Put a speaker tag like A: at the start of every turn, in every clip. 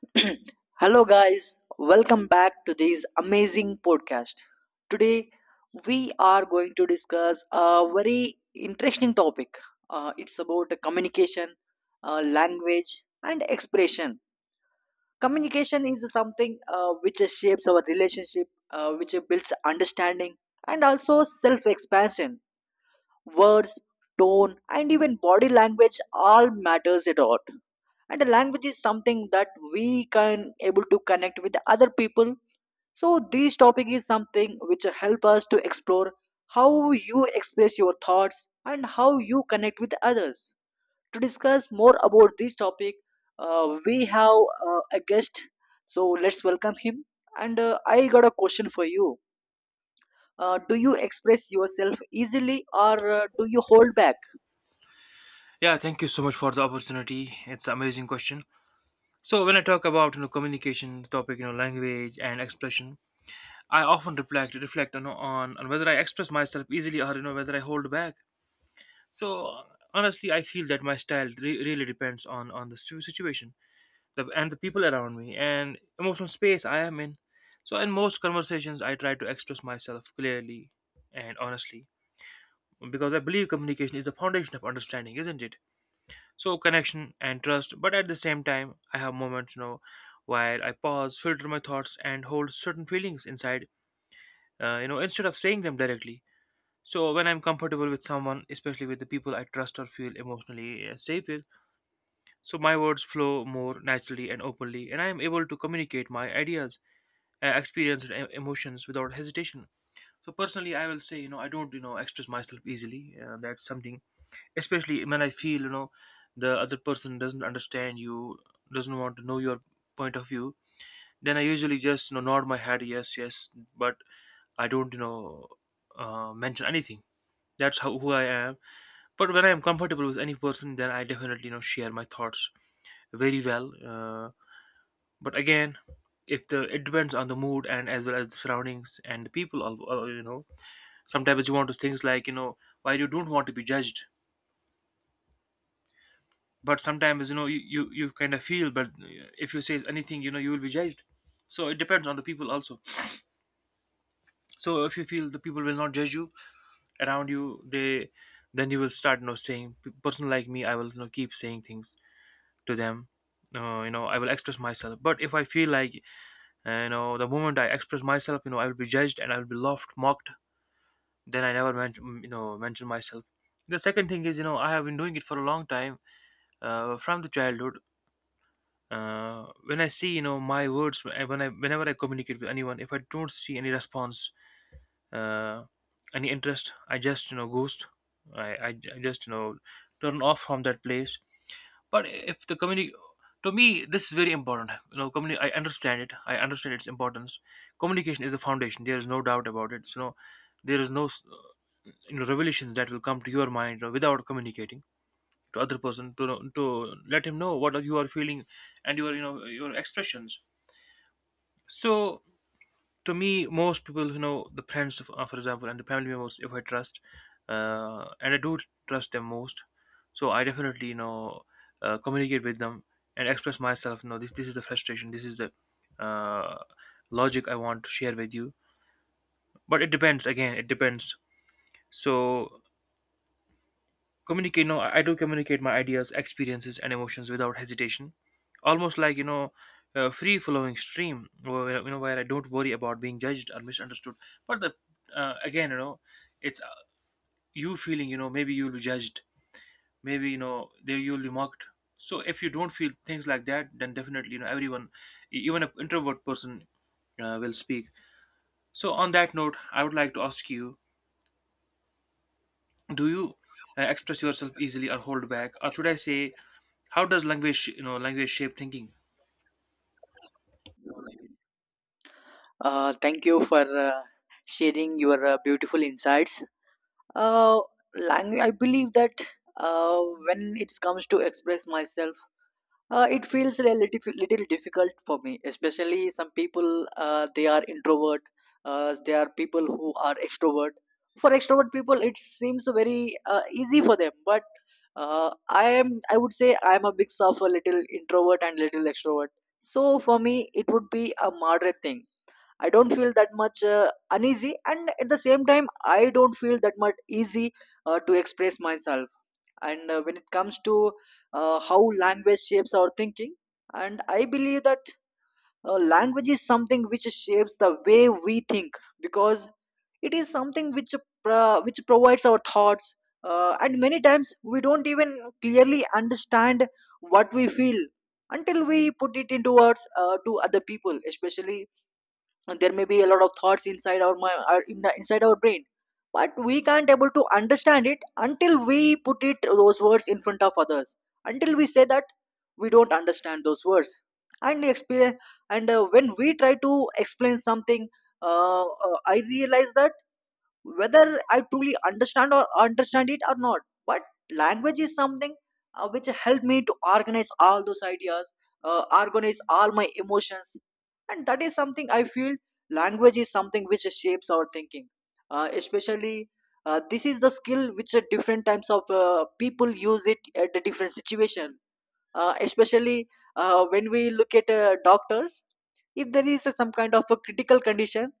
A: Hello, guys. Welcome back to this amazing podcast. Today, we are going to discuss a very interesting topic. It's about communication, language, and expression. Communication is something which shapes our relationship, which builds understanding, and also self expansion words, tone, and even body language all matters a lot. And the language is something that we can able to connect with the other people. So this topic is something which help us to explore how you express your thoughts and how you connect with others. To discuss more about this topic, we have a guest. So let's welcome him. And I got a question for you. Do you express yourself easily or do you hold back?
B: Yeah, thank you so much for the opportunity. It's an amazing question. So when I talk about communication topic, language and expression, I often reflect on whether I express myself easily or whether I hold back. So honestly, I feel that my style really depends on the situation, and the people around me and emotional space I am in. So in most conversations, I try to express myself clearly and honestly because I believe communication is the foundation of understanding, isn't it? So connection and trust, but at the same time I have moments where I pause, filter my thoughts, and hold certain feelings inside instead of saying them directly. So when I'm comfortable with someone, especially with the people I trust or feel emotionally safe with, so my words flow more naturally and openly, and I am able to communicate my ideas, experiences, and emotions without hesitation. So personally, I will say I don't express myself easily, that's something. Especially when I feel the other person doesn't understand you, doesn't want to know your point of view, then I usually just nod my head, yes, yes, but I don't mention anything. That's how who I am. But when I am comfortable with any person, then I definitely share my thoughts very well, but again, if the it depends on the mood and as well as the surroundings and the people. Sometimes you want to things like why you don't want to be judged, but sometimes you kind of feel, but if you say anything, you will be judged. So it depends on the people also. So if you feel the people will not judge you around you, they, then you will start saying, person like me, I will keep saying things to them. I will express myself, but if I feel like the moment I express myself, I will be judged, and I will be laughed, mocked, then I never mention mm, you know mention myself. The second thing is, I have been doing it for a long time, from the childhood. When I see my words, whenever I communicate with anyone, if I don't see any response, uh, any interest, I just ghost. I, I, I just turn off from that place. But if the community, to me this is very important, I understand it, I understand its importance. Communication is the foundation, there is no doubt about it. So no, there is no revelations that will come to your mind, without communicating to other person, to let him know what you are feeling and your, your expressions. So to me, most people, who know, the friends, of, for example, and the family members, if I trust, and I do trust them most, so I definitely, communicate with them and express myself. No, this is the frustration. This is the uh, logic I want to share with you. But it depends. Again, it depends. So communicate, no, I do communicate my ideas, experiences, and emotions without hesitation, almost like a free flowing stream, where where I don't worry about being judged or misunderstood. But the again, it's uh, you feeling, maybe you'll be judged, maybe there you'll be mocked. So if you don't feel things like that, then definitely everyone, even an introvert person, will speak. So on that note, I would like to ask you, do you express yourself easily or hold back, or should I say, how does language, language shape thinking?
A: Thank you for sharing your beautiful insights. Uh, language, I believe that uh, when it comes to express myself, it feels a little difficult for me. Especially some people, they are introvert. There are people who are extrovert. For extrovert people, it seems very easy for them. But I am, I would say, I am a mix of a little introvert and little extrovert. So for me, it would be a moderate thing. I don't feel that much uneasy, and at the same time, I don't feel that much easy to express myself. And when it comes to how language shapes our thinking, and I believe that language is something which shapes the way we think because it is something which provides our thoughts, and many times we don't even clearly understand what we feel until we put it into words to other people, especially. And there may be a lot of thoughts inside our mind or in inside our brain, but we can't able to understand it until we put it those words in front of others, until we say that we don't understand those words and the experience. And when we try to explain something, I realize that whether I truly understand or understand it or not. But language is something which helped me to organize all those ideas, organize all my emotions, and that is something I feel language is something which shapes our thinking. Especially, this is the skill which different types of people use it at the different situation, especially when we look at doctors. If there is some kind of a critical condition,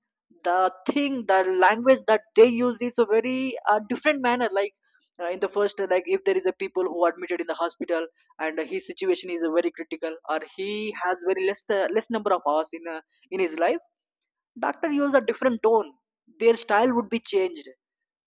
A: the language that they use is a very different manner. Like in the first like if there is a people who admitted in the hospital and his situation is very critical, or he has very less less number of hours in his life, doctor use a different tone, their style would be changed,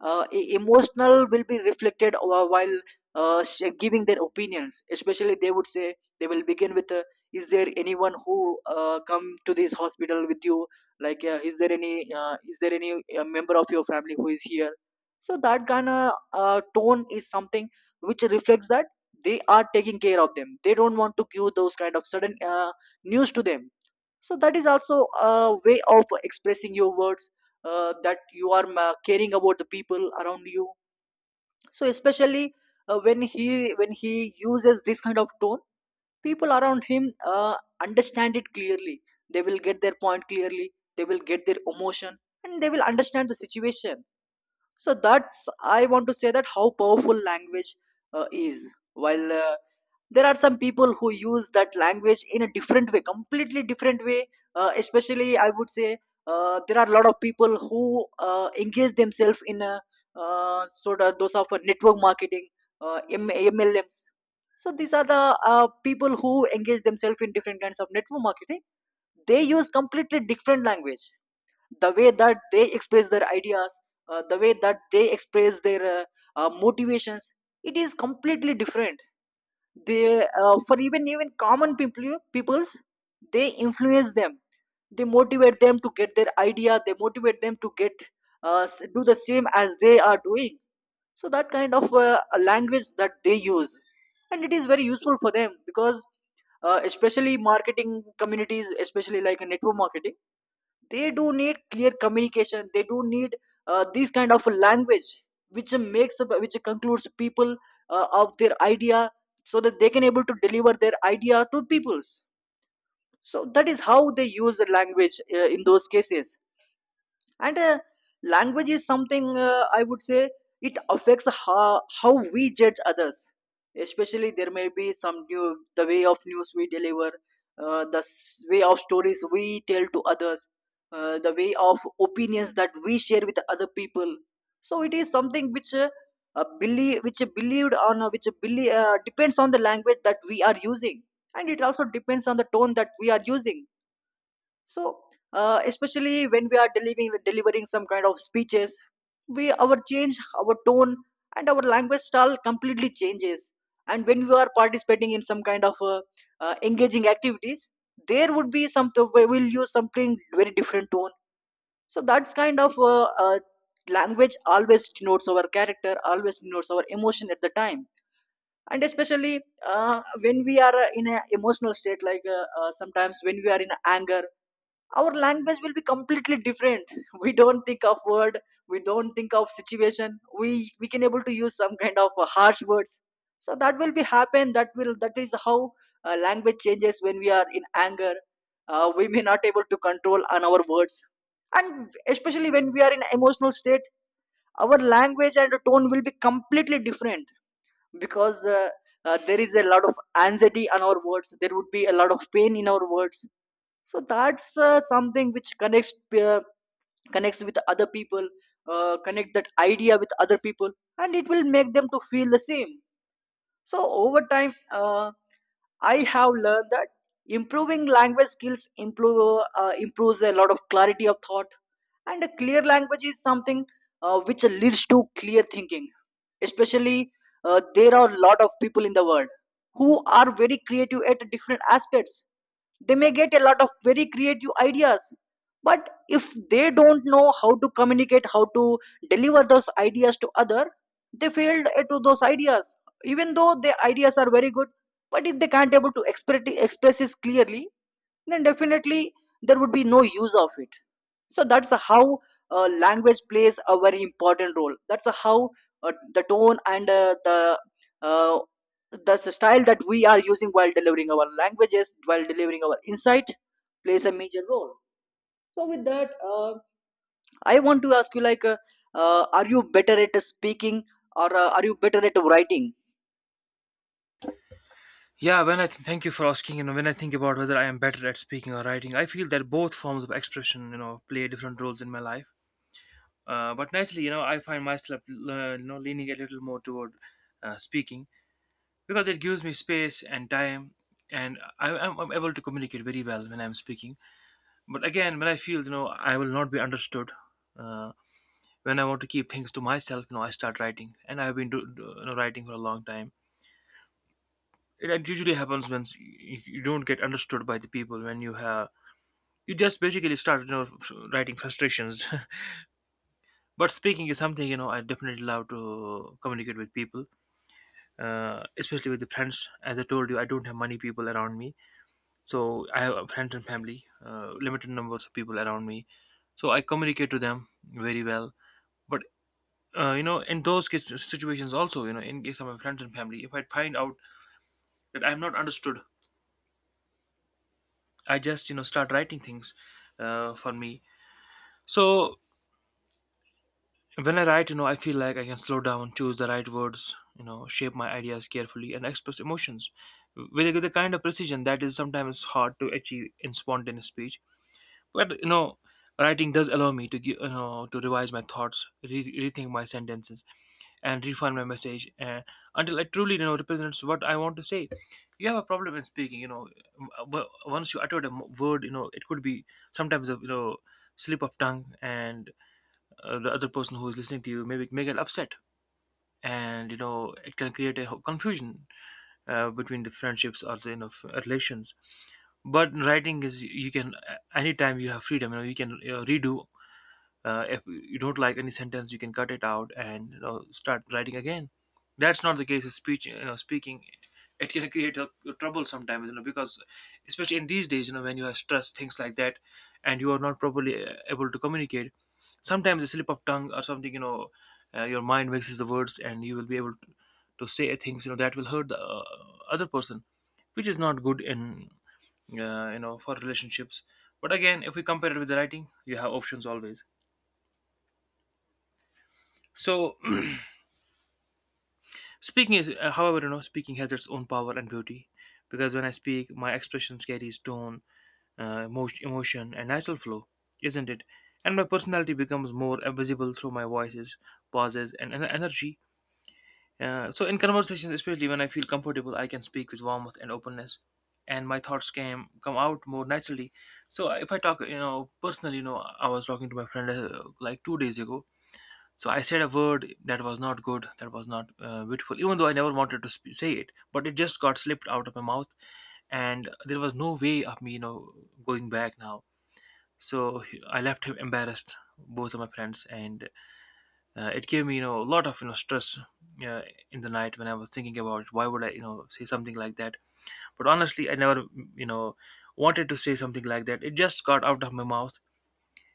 A: emotional will be reflected while giving their opinions. Especially they would say they will begin with is there anyone who come to this hospital with you, like is there any member of your family who is here. So that kind of tone is something which reflects that they are taking care of them, they don't want to give those kind of sudden news to them. So that is also a way of expressing your words, that you are caring about the people around you. So especially when he uses this kind of tone, people around him understand it clearly, they will get their point clearly, they will get their emotion, and they will understand the situation. So that's, I want to say that how powerful language is. While there are some people who use that language in a different way, completely different way, especially I would say there are a lot of people who engage themselves in a sort of those of a network marketing, MLMs. So these are the people who engage themselves in different kinds of network marketing. They use completely different language, the way that they express their ideas, the way that they express their motivations, it is completely different. They, for even common people peoples, they influence them, they motivate them to get their idea, they motivate them to get do the same as they are doing. So that kind of language that they use, and it is very useful for them because especially marketing communities especially like a network marketing, they do need clear communication, they do need these kind of language which makes which concludes people of their idea, so that they can able to deliver their idea to peoples. So that is how they use the language in those cases. And language is something I would say it affects how we judge others. Especially there may be some new the way of news we deliver, way of stories we tell to others, the way of opinions that we share with other people. So it is something which believed on depends on the language that we are using, and it also depends on the tone that we are using. So, especially when we are delivering some kind of speeches, we our change our tone and our language style completely changes. And when we are participating in some kind of engaging activities, there would be some we will use something very different tone. So that's kind of language always denotes our character, always denotes our emotion at the time. And especially when we are in an emotional state, like sometimes when we are in anger, our language will be completely different. We don't think of word, we don't think of situation, we can able to use some kind of harsh words. So that will be happen, that will that is how language changes when we are in anger. We may not able to control on our words. And especially when we are in emotional state, our language and tone will be completely different, because there is a lot of anxiety on our words, there would be a lot of pain in our words. So that's something which connects, connects with other people, connect that idea with other people, and it will make them to feel the same. So over time, I have learned that improving language skills improves a lot of clarity of thought, and a clear language is something which leads to clear thinking. Especially, there are a lot of people in the world who are very creative at different aspects. They may get a lot of very creative ideas, but if they don't know how to communicate, how to deliver those ideas to other, they failed to those ideas, even though their ideas are very good. But if they can't able to express this clearly, then definitely there would be no use of it. So that's how language plays a very important role. That's how the tone and uh, the style that we are using while delivering our languages, while delivering our insight, plays a major role. So with that, I want to ask you, like are you better at speaking or are you better at writing?
B: Yeah, thank you for asking. When I think about whether I am better at speaking or writing, I feel that both forms of expression play different roles in my life. But naturally, I find myself leaning a little more toward speaking, because it gives me space and time, and I'm able to communicate very well when I'm speaking. But again, when I feel I will not be understood, uh, when I want to keep things to myself, I start writing, and I've been writing for a long time. It usually happens when you don't get understood by the people. When you have, you just basically start writing frustrations. But speaking is something, I definitely love to communicate with people, especially with the friends. As I told you, I don't have many people around me, so I have friends and family, limited numbers of people around me, so I communicate to them very well. But in those case, situations also, in case of my friends and family, if I find out that I'm not understood, I just, start writing things for me. So when I write, I feel like I can slow down, choose the right words, shape my ideas carefully, and express emotions with the kind of precision that is sometimes hard to achieve in spontaneous speech. But writing does allow me to give, to revise my thoughts, rethink my sentences, and refine my message until it truly represents what I want to say. You have a problem in speaking. Once you utter a word, it could be sometimes a slip of tongue, and the other person who is listening to you maybe may get upset, and it can create a confusion between the friendships or the relations. But in writing is, you can anytime you have freedom, you can redo. If you don't like any sentence, you can cut it out and start writing again. That's not the case with speech, speaking. It can create a trouble sometimes, because especially in these days, when you are stressed, things like that, and you are not properly able to communicate, sometimes a slip of tongue or something, your mind mixes the words, and you will be able to say things, that will hurt the other person, which is not good in, for relationships. But again, if we compare it with the writing, you have options always. So speaking is, however, speaking has its own power and beauty, because when I speak, my expressions carries tone, emotion, and natural flow, isn't it? And my personality becomes more visible through my voices, pauses, and energy. So in conversations, especially when I feel comfortable, I can speak with warmth and openness, and my thoughts can come out more naturally. So if I talk, personally, I was talking to my friend like 2 days ago. So I said a word that was not good, that was not beautiful, even though I never wanted to say it. But it just got slipped out of my mouth, and there was no way of me, going back now. So I left him embarrassed, both of my friends, and it gave me, a lot of, stress uh, in the night when I was thinking about why would I, say something like that. But honestly, I never, you know, wanted to say something like that. It just got out of my mouth,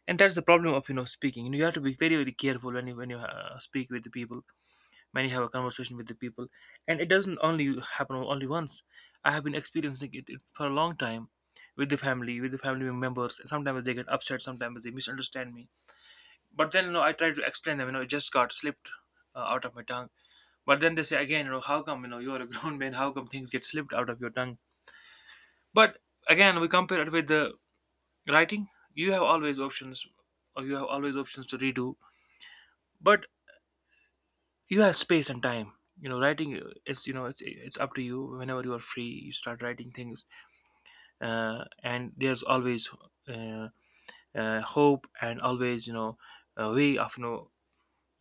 B: and that's the problem of, speaking. You have to be very, very careful when you speak with the people. Many have a conversation with the people, and it doesn't only happen only once. I have been experiencing it for a long time with the family, with the family members. Sometimes they get upset, sometimes they misunderstand me, but then I try to explain them, it just got slipped out of my tongue. But then they say again, how come, you're a grown man, how come things get slipped out of your tongue? But again, we compare it with the writing, you have always options, or you have always options to redo. But you have space and time. Writing is, it's up to you, whenever you are free you start writing things, and there's always uh, hope, and always a way of you know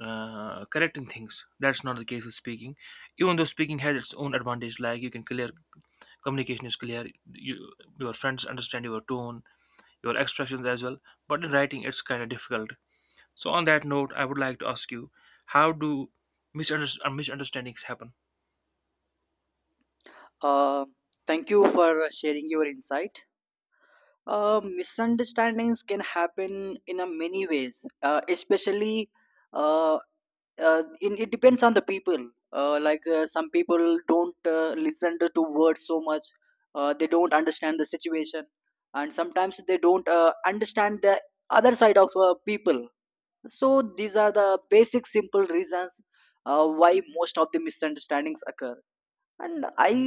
B: uh, correcting things. That's not the case with speaking. Even though speaking has its own advantage, like you can clear, communication is clear, you, your friends understand your tone, your expressions as well, but in writing it's kind of difficult. So on that note, I would like to ask you, how do misunderstandings happen?
A: Uh, thank you for sharing your insight. Misunderstandings can happen in a many ways, especially uh, it depends on the people. Like some people don't listen to words so much, they don't understand the situation, and sometimes they don't understand the other side of people. So these are the basic simple reasons why most of the misunderstandings occur. And I